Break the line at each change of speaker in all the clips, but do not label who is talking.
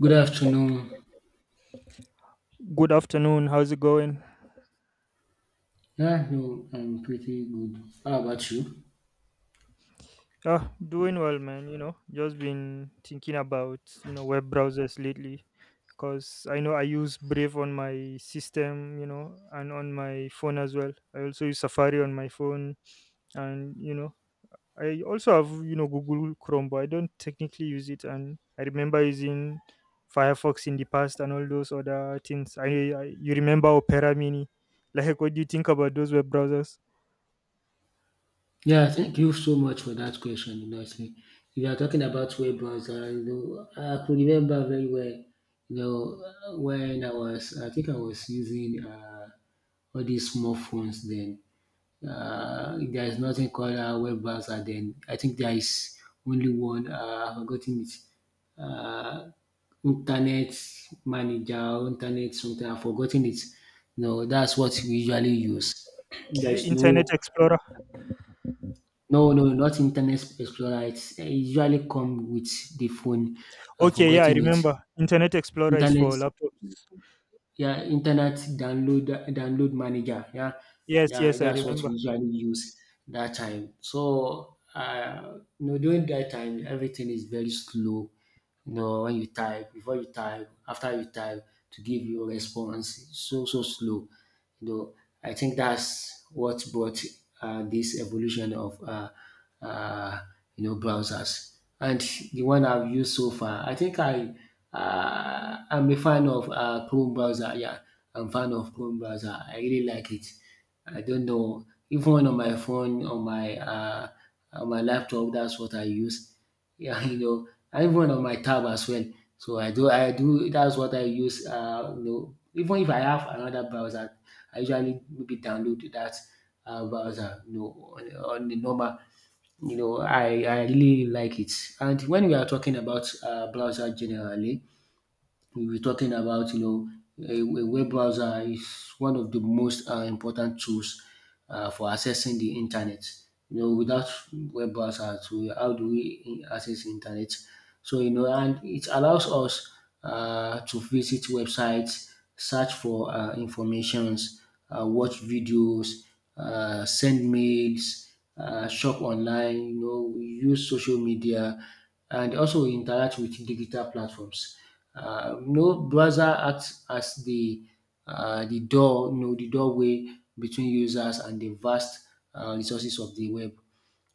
Good afternoon.
Good afternoon. How's it going?
Yeah, no, I'm pretty good. How about you?
Ah, doing well, man. Just been thinking about, web browsers lately because I know I use Brave on my system, and on my phone as well. I also use Safari on my phone. And, I also have, Google Chrome, but I don't technically use it. And I remember using Firefox in the past and all those other things. I you remember Opera Mini. Like, what do you think about those web browsers?
Yeah, thank you so much for that question. You know, actually, if you are talking about web browser, you know, I could remember very well. You know, I think I was using all these small phones then. There is nothing called web browser then. I think there is only one. I've forgotten it. Uh, Internet manager, internet something. I've forgotten it. No, that's what we usually use.
Is
There
it
is
Internet
no,
Explorer?
No, no, not Internet Explorer. It usually come with the phone. I've
Okay, yeah, I
forgotten it.
remember. Internet Explorer is
Internet,
for laptops.
yeah, internet download download manager. Yeah,
Yes,
yeah,
yes, I
that's what
remember.
we usually use that time. So, you know, during that time, everything is very slow. You know, when you type, before you type, after you type, to give you a response, it's so so slow. You know, I think that's what brought this evolution of uh, you know, browsers. And the one I've used so far, I think I'm a fan of Chrome browser. Yeah, I'm fan of Chrome browser. I really like it. I don't know. Even on my phone, on my laptop, that's what I use. Yeah, you know, I'm one on my tab as well. I do. That's what I use. You know, even if I have another browser, I usually maybe download that browser. On the normal. You know, I really like it. And when we are talking about browser generally, we were talking about, you know, a web browser is one of the most important tools for accessing the internet. You know, without web browsers, how do we access internet? So, you know, and it allows us to visit websites, search for informations, watch videos, send mails, shop online, you know, use social media, and also we interact with digital platforms. You know, browser acts as the door, you know, the doorway between users and the vast resources of the web.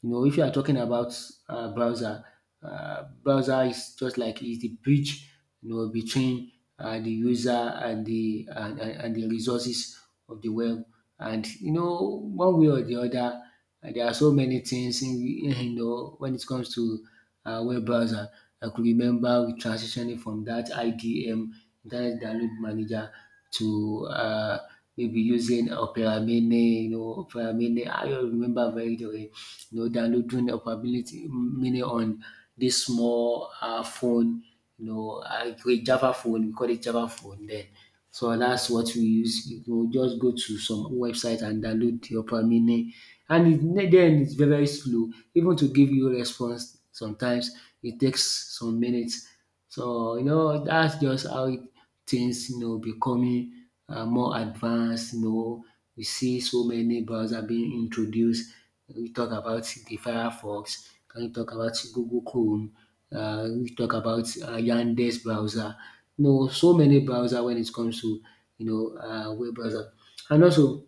You know, if you are talking about browser, browser is just like is the bridge, you know, between the user and and the resources of the web. And you know, one way or the other, there are so many things in, you know, when it comes to web browser. I could remember transitioning from that IDM, Internet Download Manager, to maybe using Opera Mini. You know, Opera Mini. I don't remember very well. You know, downloading Opera Mini on this small phone. You know, a great Java phone. We call it Java phone then. So that's what we use. You go to some website and download your Opamine, and then it's very very slow. Even to give you response sometimes it takes some minutes. So you know that's just how it, things, you know, becoming more advanced, you know. We see so many browser being introduced. We talk about the Firefox? Can we talk about Google Chrome? We talk about Yandex browser. You know, so many browser when it comes to, you know, web browser. And also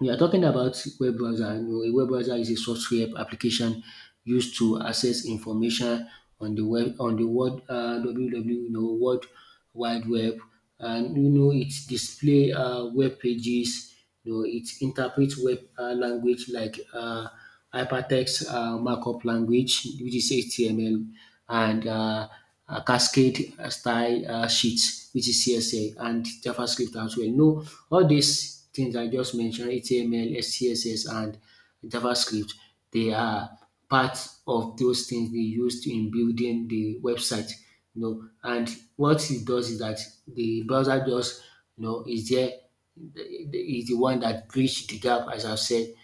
we are talking about web browser. You know, a web browser is a software application used to access information on the web, on the world, www, you know, world wide web, and you know, it display web pages. You know, it interprets web language like hypertext markup language, which is HTML, and Cascade style sheets, which is CSS and JavaScript as well. No, all these things I just mentioned, HTML, CSS, and JavaScript, they are part of those things they used in building the website. You know, and what it does is that the browser just, you know, is there. Is the one that bridge the gap, as I've said,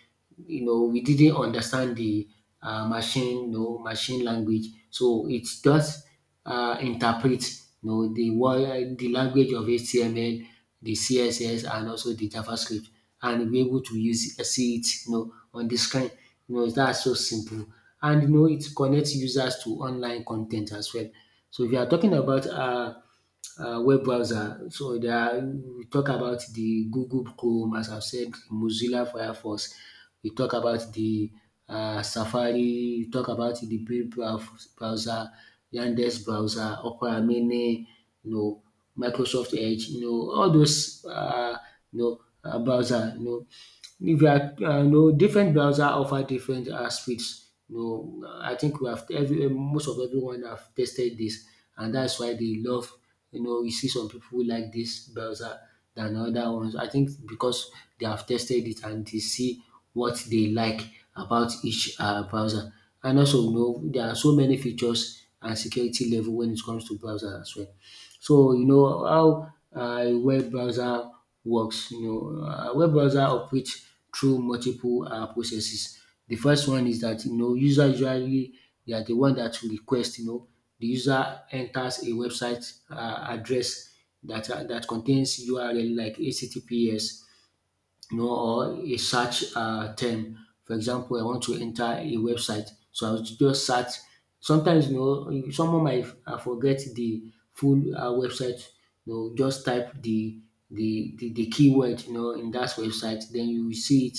you know, we didn't understand the machine, you know, machine language. So it just interprets, you know, the language of HTML, the CSS, and also the JavaScript, and we're able to use see it, you know, on the screen. You know, that's so simple, and you know, it connects users to online content as well. So if you are talking about web browser. So there are, we talk about the Google Chrome, as I've said, Mozilla Firefox. We talk about the Safari. We talk about the browser, Yandex browser, Opera Mini, you know, Microsoft Edge. You know, all those you know, browser. You know, if you are, you know, different browser offer different speeds. You know, I think we have every most of everyone have tested this, and that's why they love, you know, you see some pipu like this browser than other ones. I think because they have tested it and they see what they like about each browser. And also, you know, there are so many features and security level when it comes to browser as well. So, you know, how a web browser works, you know, a web browser operates through multiple processes. The first one is that, you know, user usually, they are the one that will request. You know, the user enters a website address dat that contains URL like HTTPS, you know, or a search term. For example, I want to enter a website, so I'll just search. Sometimes, you know, someone might forget the full website. You know, just type the the keyword, you know, in that website, then you will see it,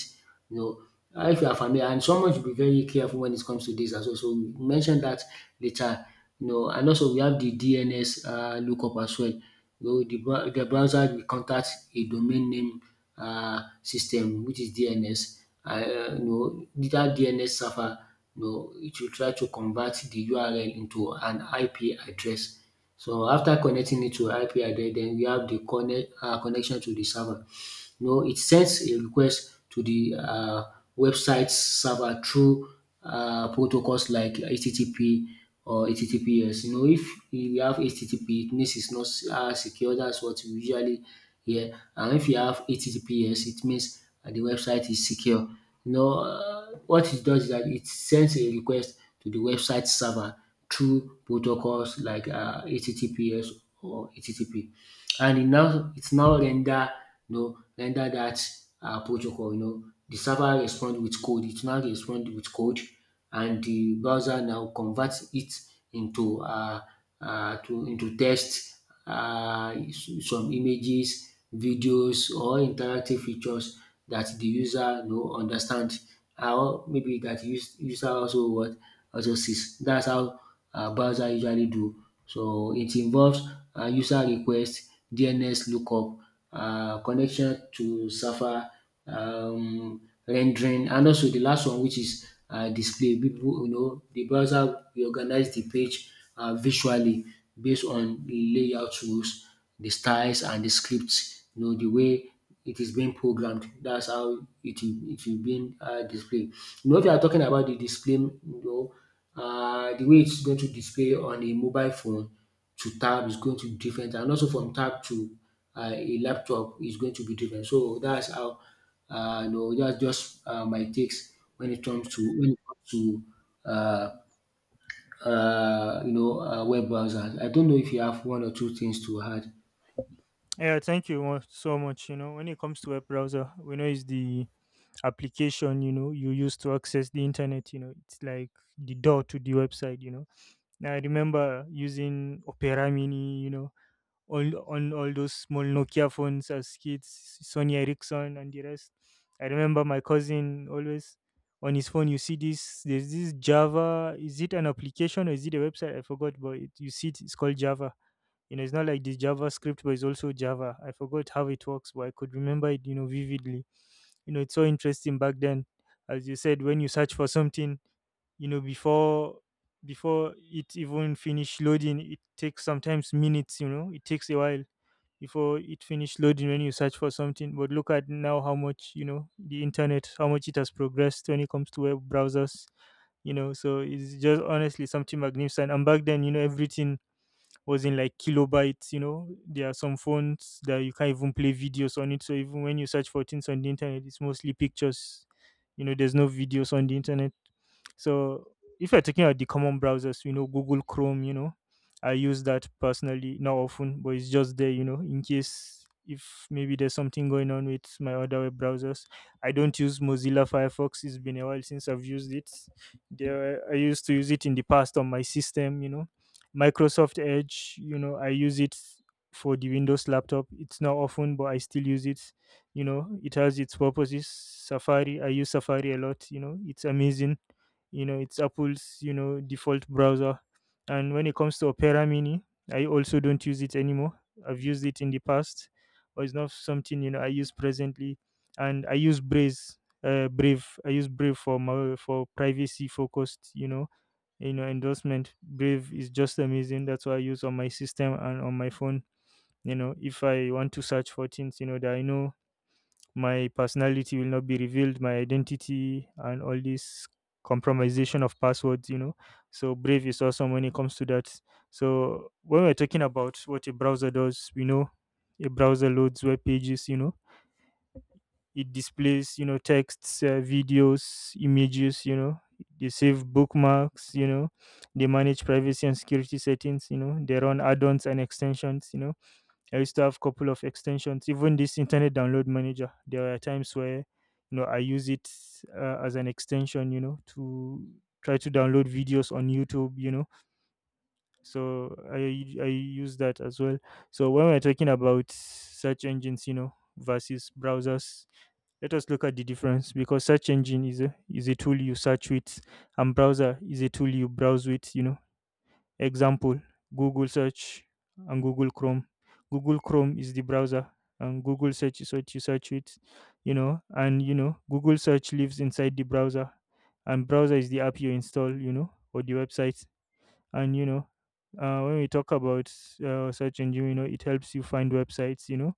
you know, if you are familiar, and someone should be very careful when it comes to this as well. So we mentioned that later. You know, and also we have the DNS lookup as well. You know, the browser will contact a domain name system, which is DNS. You know, that DNS server, you know, it will try to convert the URL into an IP address. So after connecting it to IP address, then we have the connection to the server. You know, it sends a request to the website's server through protocols like HTTP or HTTPS. You know, if you have HTTP, it means it's not secure. That's what we usually hear. And if you have HTTPS, it means the website is secure. You know, what it does is that it sends a request to the website server through protocols like HTTPS or HTTP, and it's now render, you know, render that protocol. You know, the server respond with code, it now respond with code, and the browser now converts it into to into text, some images, videos, or interactive features that the user, you know, understand how, maybe that the user also what also sees. That's how browser usually do. So it involves user request, DNS lookup, connection to server, um rendering, and also de last one, which is display. Pipu, you know, de browser reorganize de page visually, base on de layout rules, de styles, and de script. You know, de way it is being programmed. That's how it will be displayed. You know, if you are talking about the display, you know, the way it's going to display on a mobile phone to tab is going to be different, and also from tab to a laptop is going to be different. So that's how, you know, that's just my takes when it comes to, uh, you know, web browsers. I don't know if you have one or two things to add.
Yeah, thank you so much. You know, when it comes to web browser, we know it's the application, you know, you use to access the internet. You know, it's like the door to the website. You know. Now, I remember using Opera Mini, you know, all on all those small Nokia phones as kids, Sony Ericsson and the rest. I remember my cousin always on his phone. You see this? There's this Java. Is it an application or is it a website? I forgot, but it, you see it, it's called Java. You know, it's not like this JavaScript, but it's also Java. I forgot how it works, but I could remember it, you know, vividly. You know, it's so interesting back then. As you said, when you search for something, you know, before before it even finish loading, it takes sometimes minutes. You know, it takes a while before it finished loading when you search for something. But look at now how much, you know, the internet, how much it has progressed when it comes to web browsers. You know. So it's just honestly something magnificent. And back then, you know, everything was in like kilobytes. You know, there are some phones that you can't even play videos on it. So even when you search for things on the internet, it's mostly pictures. You know, there's no videos on the internet. So if you're talking about the common browsers, you know, Google Chrome, you know, I use that personally, not often, but it's just there, you know, in case if maybe there's something going on with my other web browsers. I don't use Mozilla Firefox. It's been a while since I've used it. There, I used to use it in the past on my system. You know, Microsoft Edge, you know, I use it for the Windows laptop. It's not often, but I still use it. You know, it has its purposes. Safari, I use Safari a lot. You know, it's amazing. You know, it's Apple's, you know, default browser. And when it comes to Opera Mini, I also don't use it anymore. I've used it in the past, but it's not something, you know, I use presently. And I use Brave. Brave. I use Brave for my, for privacy focused, you know endorsement. Brave is just amazing. That's what I use on my system and on my phone. You know, if I want to search for things, you know, that I know my personality will not be revealed, my identity and all this compromisation of passwords. You know, so Brave is awesome when it comes to that. So when we're talking about what a browser does, we know a browser loads web pages. You know, it displays, you know, texts, videos, images. You know, they save bookmarks. You know, they manage privacy and security settings. You know, they run add-ons and extensions. You know, I used to have a couple of extensions. Even this internet download manager, there are times where, you know, I use it as an extension, you know, to try to download videos on YouTube. You know, so I use that as well. So when we're talking about search engines, you know, versus browsers, let us look at the difference, because search engine is a tool you search with, and browser is a tool you browse with, you know. Example, Google search and Google Chrome. Google Chrome is the browser and Google search is what you search with. You know, and you know, Google search lives inside the browser and browser is the app you install, you know, or the website. And you know, when we talk about search engine, you know, it helps you find websites. You know,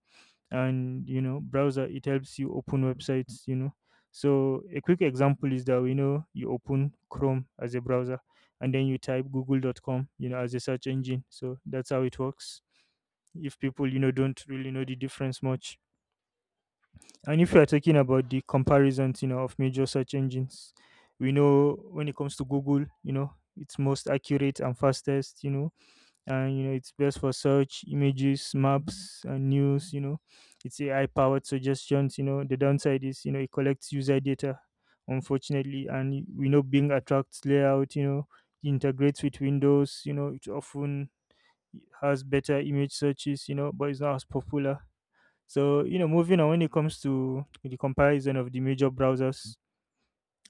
and you know, browser, it helps you open websites. You know, so a quick example is that we know you open Chrome as a browser and then you type Google.com. You know, as a search engine, so that's how it works, if people, you know, don't really know the difference much. And if you are talking about the comparisons, you know, of major search engines, we know, when it comes to Google, you know, it's most accurate and fastest. You know, and you know, it's best for search images, maps and news. You know, it's AI powered suggestions. You know, the downside is, you know, it collects user data, unfortunately. And we know Bing attracts layout, you know, integrates with Windows. You know, it often has better image searches, you know, but it's not as popular. So, you know, moving on, when it comes to the comparison of the major browsers,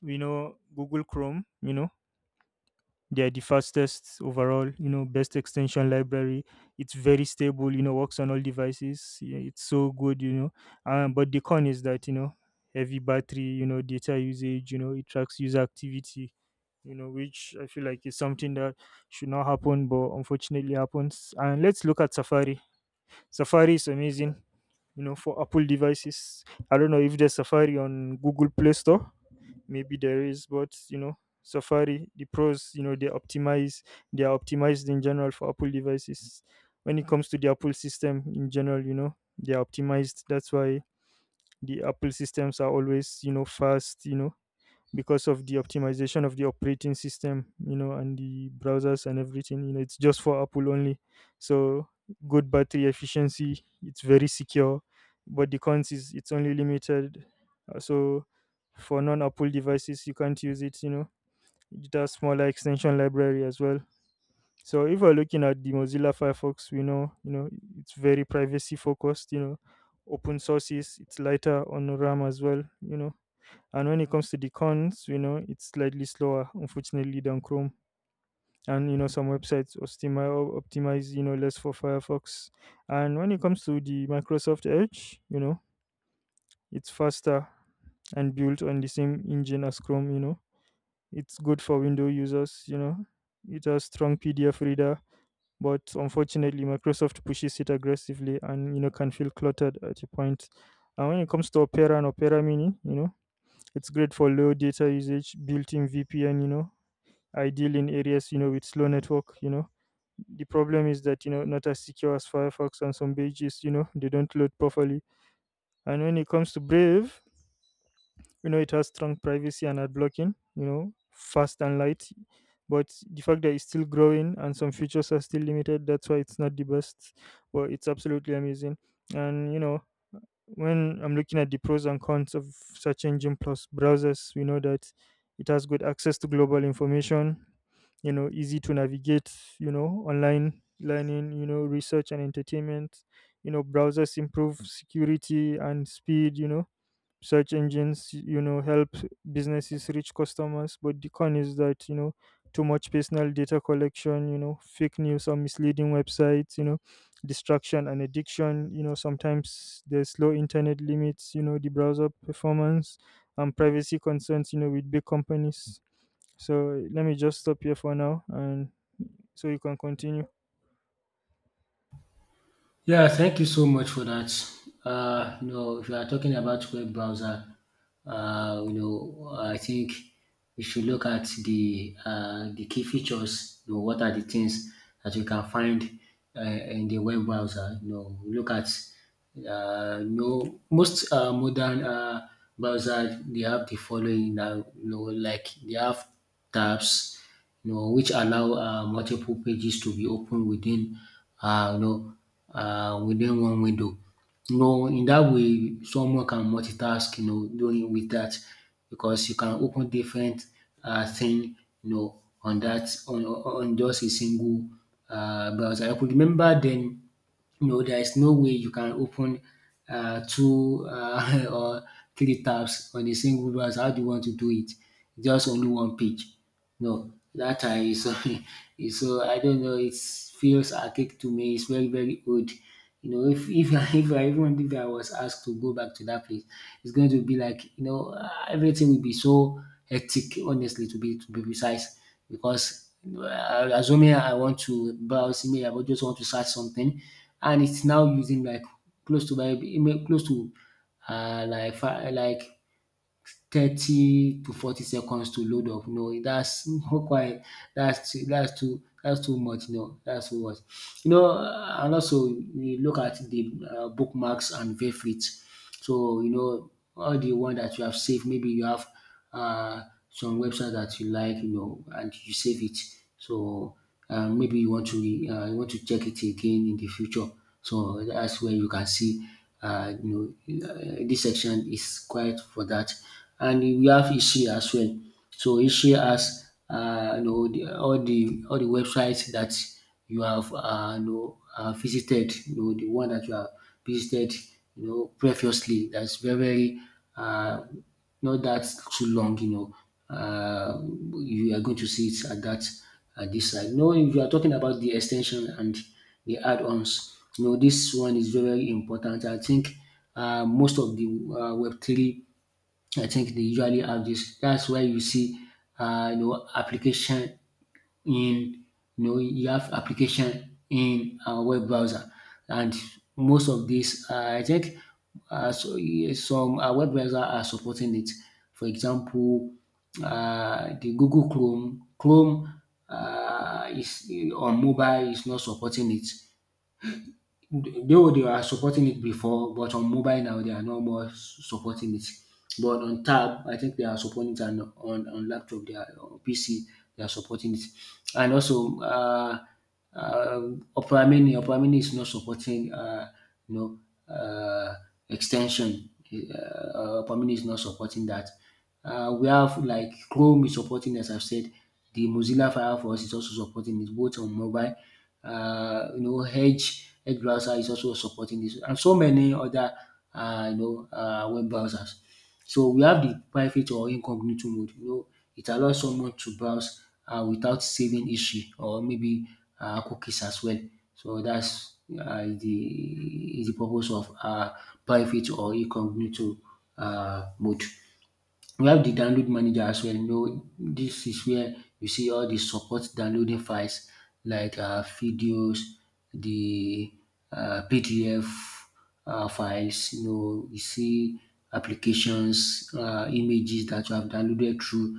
we know Google Chrome, you know, they're the fastest overall. You know, best extension library. It's very stable. You know, works on all devices. Yeah, it's so good. You know, but the con is that, you know, heavy battery, you know, data usage. You know, it tracks user activity, you know, which I feel like is something that should not happen, but unfortunately happens. And let's look at Safari. Safari is amazing, you know, for Apple devices. I don't know if there's Safari on Google Play Store. Maybe there is, but you know, Safari, the pros, you know, they optimize they are optimized in general for Apple devices. When it comes to the Apple system in general, you know, they are optimized. That's why the Apple systems are always, you know, fast, you know, because of the optimization of the operating system, you know, and the browsers and everything. You know, it's just for Apple only. So good battery efficiency. It's very secure, but the cons is it's only limited. So for non-Apple devices, you can't use it. You know, it has smaller extension library as well. So if we're looking at the Mozilla Firefox, we know, you know, it's very privacy focused. You know, open sources. It's lighter on RAM as well. You know, and when it comes to the cons, you know, it's slightly slower, unfortunately, than Chrome. And you know, some websites optimize, you know, less for Firefox. And when it comes to the Microsoft Edge, you know, it's faster and built on the same engine as Chrome. You know, it's good for Windows users. You know, it has strong PDF reader, but unfortunately, Microsoft pushes it aggressively, and you know, can feel cluttered at a point. And when it comes to Opera and Opera Mini, you know, it's great for low data usage, built-in VPN, you know, ideal in areas, you know, with slow network. You know, the problem is that, you know, not as secure as Firefox, and some pages, you know, they don't load properly. And when it comes to Brave, you know, it has strong privacy and ad blocking, you know, fast and light. But the fact that it's still growing and some features are still limited, that's why it's not the best. But it's absolutely amazing. And, you know, when I'm looking at the pros and cons of search engine plus browsers, we know that it has good access to global information, you know, easy to navigate, you know, online learning, you know, research and entertainment. You know, browsers improve security and speed. You know, search engines, you know, help businesses reach customers, but the con is that, you know, too much personal data collection, you know, fake news or misleading websites, you know, distraction and addiction. You know, sometimes there's low internet limits, you know, the browser performance and privacy concerns, you know, with big companies. So let me just stop here for now and so you can continue.
Yeah, thank you so much for that. You know, if you are talking about web browser, you know, I think we should look at the key features. You know, what are the things that you can find in the web browser? You know, we look at you know, most modern browser, they have the following now. You know, like they have tabs, you know, which allow multiple pages to be opened within one window. You know, in that way, someone can multitask, you know, doing with that, because you can open different thing, you know, on just a single browser. I could remember then, you know, there is no way you can open two or three tabs on a single browser. How do you want to do it? Just only one page. No, that time is so I don't know. It feels archaic to me. It's very old. You know, if I, if I even if I was asked to go back to that place, it's going to be like everything will be so hectic. Honestly, to be precise because assuming I want to browse email, I would just want to search something, and it's now using like close to my email, close to like 30 to 40 seconds to load up. No, that's not quite. That's too much. No, that's too much. You know, and also we look at the bookmarks and favorites. So you know all the one that you have saved. Maybe you have uh, some website that you like, you know, and you save it. So and maybe you want to check it again in the future. So that's where you can see this section is quite for that. And we have Ishi as well. So Ishi has you know all the websites that you have visited, you know, the one that you have visited, you know, previously. That's very, very uh, not that too long, you know. Uh, you are going to see it at that at this side. No, if you are talking about the extension and the add-ons, you know, this one is very, very important. I think most of the Web three, I think they usually have this. That's why you see, application in you have application in a web browser, and most of these I think yeah, some web browser are supporting it. For example, the Google Chrome is on mobile is not supporting it. Though they were supporting it before, but on mobile now they are no more supporting it. But on tab, I think they are supporting it, and on laptop, they are on PC, they are supporting it. And also, uh, Opera Mini is not supporting, you know, uh, extension. Opera Mini is not supporting that. We have like Chrome is supporting as I've said, the Mozilla Firefox is also supporting it both on mobile. You know, Edge browser is also supporting this, and so many other web browsers. So we have the private or incognito mode. You know, it allows someone to browse without saving history or maybe cookies as well. So that's the purpose of private or incognito mode. We have the download manager as well. You know, this is where you see all the support downloading files like videos, the PDF files. You know, you see applications, images that you have downloaded through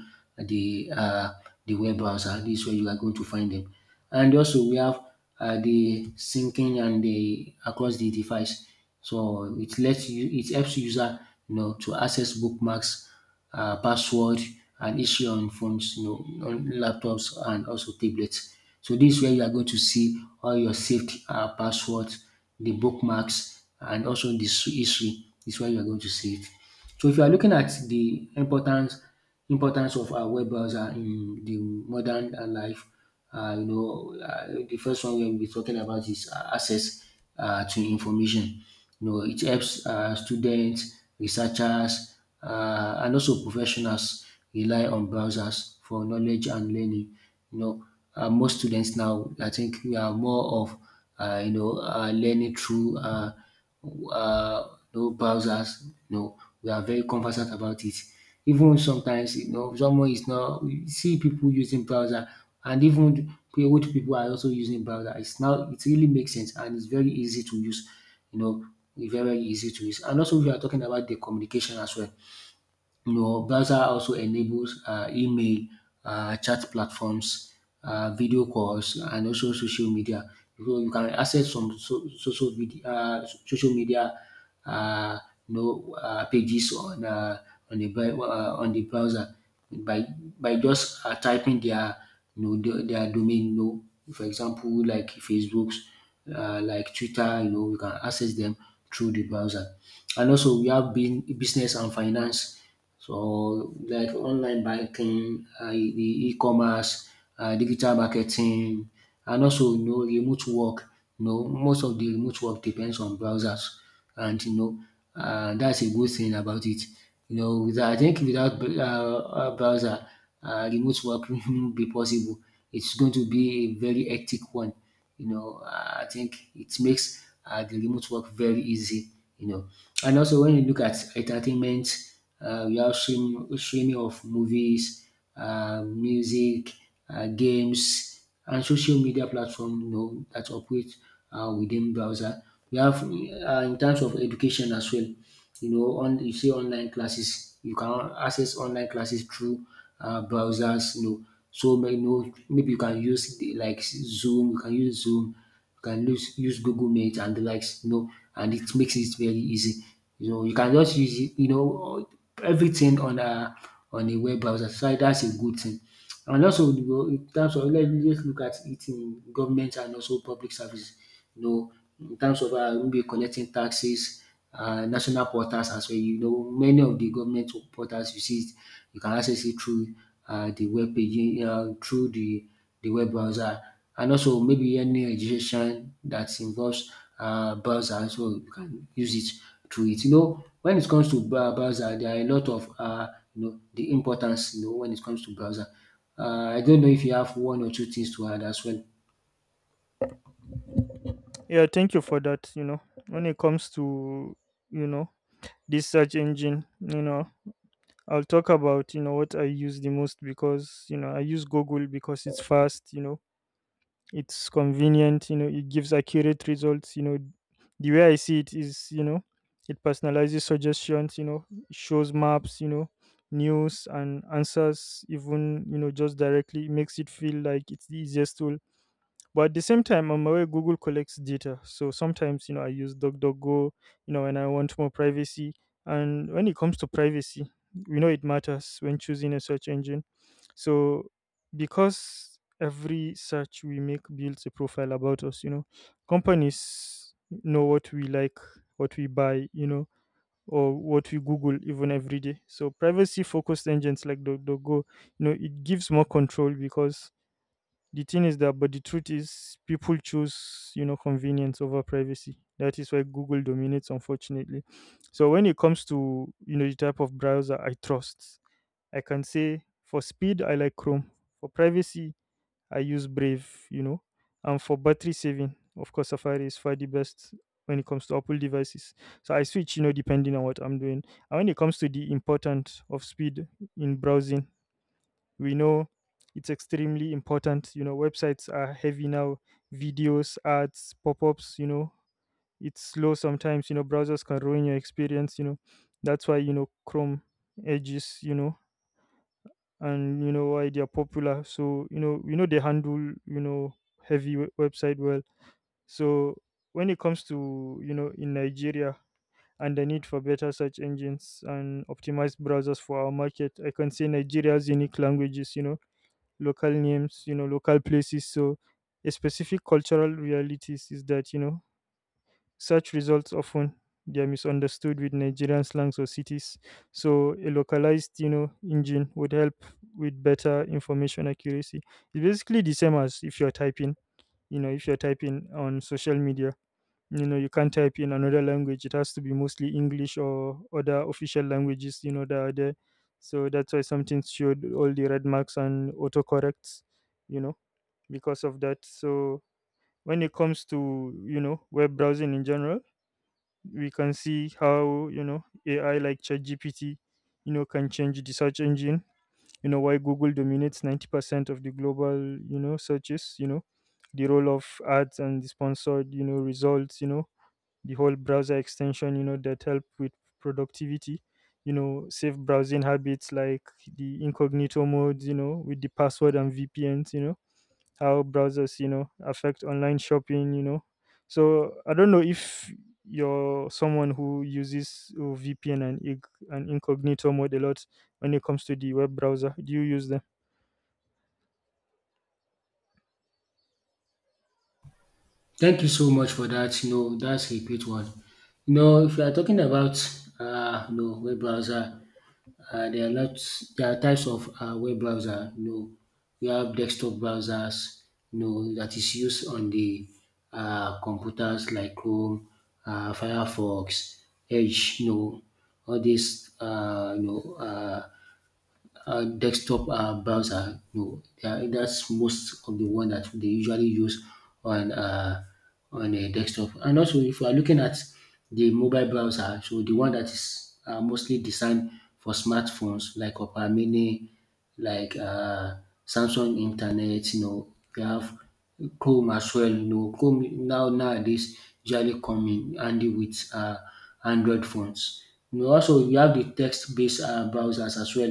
the uh, the web browser. This is where you are going to find them. And also we have the syncing and the across the device. So it lets you, it helps user you know to access bookmarks, password, and issue on phones, you know, on laptops, and also tablets. So this is where you are going to see all your saved passwords, the bookmarks, and also the history is where you are going to see it. So if you are looking at the importance of web browser in the modern life. You know the first one we will be talking about is access to information. You know it helps students, researchers, and also professionals rely on browsers for knowledge and learning. You know, most students now I think we are more of learning through no browsers. No, we are very conversant about it. Even sometimes, you know, someone is not. We see people using browser, and even the old people are also using browser. It's now it really makes sense, and it's very easy to use. You know, it's very very easy to use. And also, we are talking about the communication as well. You know, browser also enables email, chat platforms, video calls, and also social media. So you can access some social video, social media, uh, pages on on the browser by just typing their their domain. You know, for example, like Facebook's, like Twitter. You know, we can access them through the browser. And also, we have been business and finance. So like online banking, the e-commerce, digital marketing, and also you know remote work. You know most of the remote work depends on browsers, and you know that's a good thing about it. You know without I think without browser, remote work won't be possible. It's going to be a very hectic one you know, I think it makes the remote work very easy, you know. And also when you look at entertainment, we have streaming, streaming of movies, music, games, and social media platform, you know, that operate within browser. We have in terms of education as well, you know, on you see online classes, you can access online classes through browsers, you know. So you know, maybe you can use like Zoom, you can use Zoom, you can use Google Meet and the likes, you know, and it makes it very easy. You know, you can just use it, you know, everything on a web browser. So that's a good thing. And also you know in terms of let look at it in government and also public service. You know in terms of maybe collecting taxes, national portals as well, you know many of the government portals you see it you can access it through the web page through the web browser, and also maybe any education that involves browser so you can use it through it. You know when it comes to browser there are a lot of the importance you know when it comes to browser. I don't know if you have one or two things to add as well.
Yeah, thank you for that. You know, when it comes to, you know, this search engine, you know, I'll talk about, you know, what I use the most because, you know, I use Google because it's fast, you know, it's convenient, you know, it gives accurate results. You know, the way I see it is, you know, it personalizes suggestions. You know, it shows maps, you know, news and answers even, you know, just directly. It makes it feel like it's the easiest tool, but at the same time, I'm aware Google collects data. So sometimes, I use DuckDuckGo, when I want more privacy. And when it comes to privacy, we know it matters when choosing a search engine. So because every search we make builds a profile about us, companies know what we like, what we buy, or what we Google even every day. So privacy focused engines like DuckDuckGo, it gives more control because the thing is that, but the truth is, people choose, convenience over privacy. That is why Google dominates, unfortunately. So when it comes to, the type of browser I trust, I can say for speed, I like Chrome. For privacy, I use Brave, and for battery saving, of course, Safari is far the best when it comes to Apple devices. So I switch, depending on what I'm doing. And when it comes to the importance of speed in browsing, we know it's extremely important. Websites are heavy now, videos, ads, pop-ups. It's slow sometimes. Browsers can ruin your experience. That's why, Chrome edges, and why they're popular. So they handle, you know heavy website well. So when it comes to, in Nigeria and the need for better search engines and optimized browsers for our market, I can say Nigeria's unique languages, local names, local places. So a specific cultural realities is that, search results often they are misunderstood with Nigerian slangs or cities. So a localized, engine would help with better information accuracy. It's basically the same as if you're typing, if you're typing on social media. You know, you can't type in another language. It has to be mostly English or other official languages, that are there. So that's why something showed all the red marks and autocorrects, you know because of that. So when it comes to, web browsing in general, we can see how, AI like ChatGPT, can change the search engine. You know why Google dominates 90% of the global searches. You know the role of ads and the sponsored results. You know the whole browser extension. You know that help with productivity. You know safe browsing habits like the incognito modes. You know with the password and VPNs. You know how browsers, affect online shopping. So I don't know if you're someone who uses VPN and and incognito mode a lot when it comes to the web browser. Do you use them?
Thank you so much for that. You know, that's a great one. You know, if you are talking about web browser, there are lots, there are types of web browser. You know, we have desktop browsers. You know, that is used on the computers like Chrome, Firefox, Edge. You know, all these desktop browser. No, yeah, that's most of the one that they usually use on uh, on a desktop. And also, if you are looking at the mobile browser, so the one that is mostly designed for smartphones like Opera Mini, like Samsung Internet. You know, you have Chrome as well. You know, Chrome now nowadays usually come in handy with Android phones. You know, also, you have the text-based browsers as well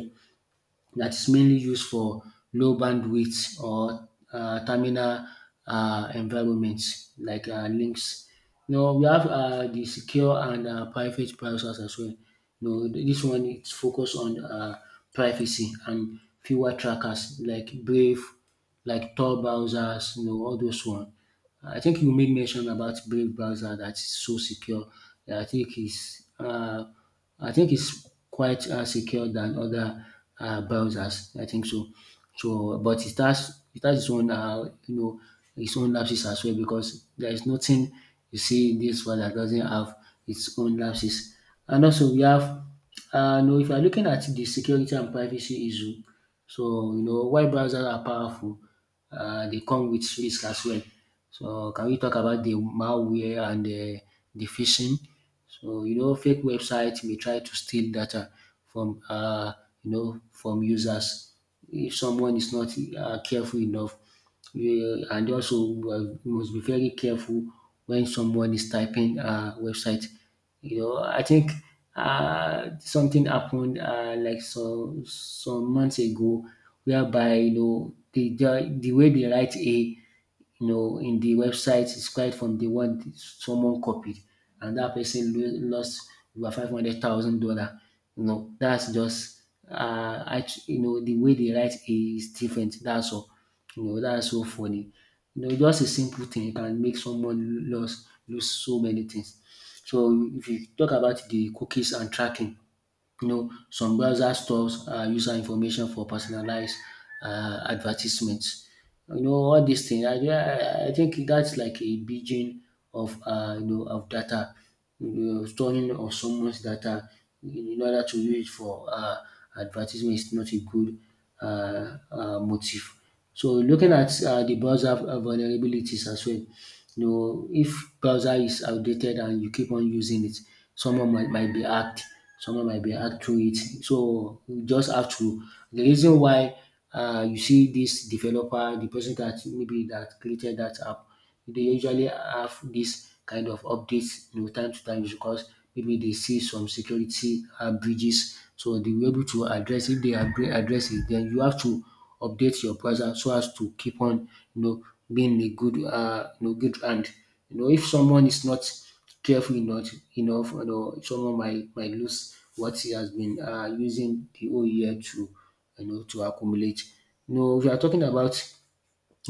that is mainly used for low bandwidth or terminal environments like links. You know, we have the secure and private browsers as well. You know, this one is focused on privacy and fewer trackers like Brave, like Tor browsers, you know, all those one. I think you made mention about Brave browser that is so secure. I think it's uh, I think it's quite secure than other browsers. I think so. So, but it has its own you know its own lapses as well because there is nothing you see in this one that doesn't have its own lapses. And also we have no, if you are looking at the security and privacy issue, so you know why browsers are powerful they come with risk as well. So can we talk about the malware and the phishing? So you know, fake websites may try to steal data from you know from users if someone is not careful enough. And also, uh, you must be very careful when someone is typing a website, you know, I think something happened like some months ago, whereby you know the way they write A you know, in the website is quite from the one someone copied, and that person lost over $500,000. You know, that's just you know, the way they write is different. That's all. You know, that's so funny. You know, just a simple thing can make someone lose so many things. So if you talk about the cookies and tracking, you know, some browser stores user information for personalized advertisements. You know, all these things. I think that's like a beijing of you know of data, you know, storing of someone's data in order to use it for advertisement is not a good motive. So looking at the browser vulnerabilities as well, you know, if browser is outdated and you keep on using it, someone might be hacked. Someone might be hacked through it. So you just have to. The reason why you see this developer, the person that maybe that created that app, they usually have this kind of updates, you know, time to time because maybe they see some security breaches. So they were able to address if they address it, then you have to update your browser so as to keep on you know being a good you know good hand. You know if someone is not careful enough, you know someone might lose what he has been using the whole year to you know to accumulate. You know, we are talking about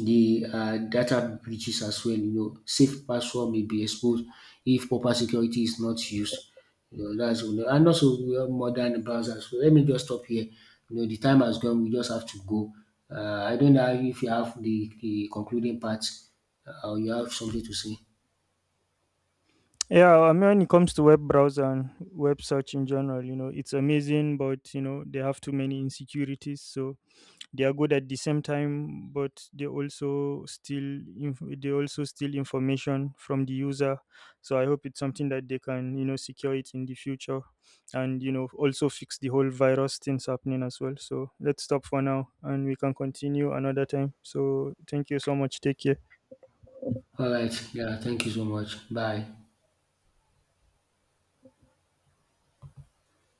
the data breaches as well. You know, safe password may be exposed if proper security is not used. You know, that's all. And also we have modern browsers. So let me just stop here. You know, the time has gone. We just have to go. I don't know if you have the concluding part or you have something to say.
Yeah, I mean, when it comes to web browser and web search in general, it's amazing, but they have too many insecurities. So they are good at the same time but they also they also steal information from the user. So I hope it's something that they can, secure it in the future, and also fix the whole virus things happening as well. So let's stop for now and we can continue another time. So thank you so much. Take care.
All right. Yeah. Thank you so much. Bye.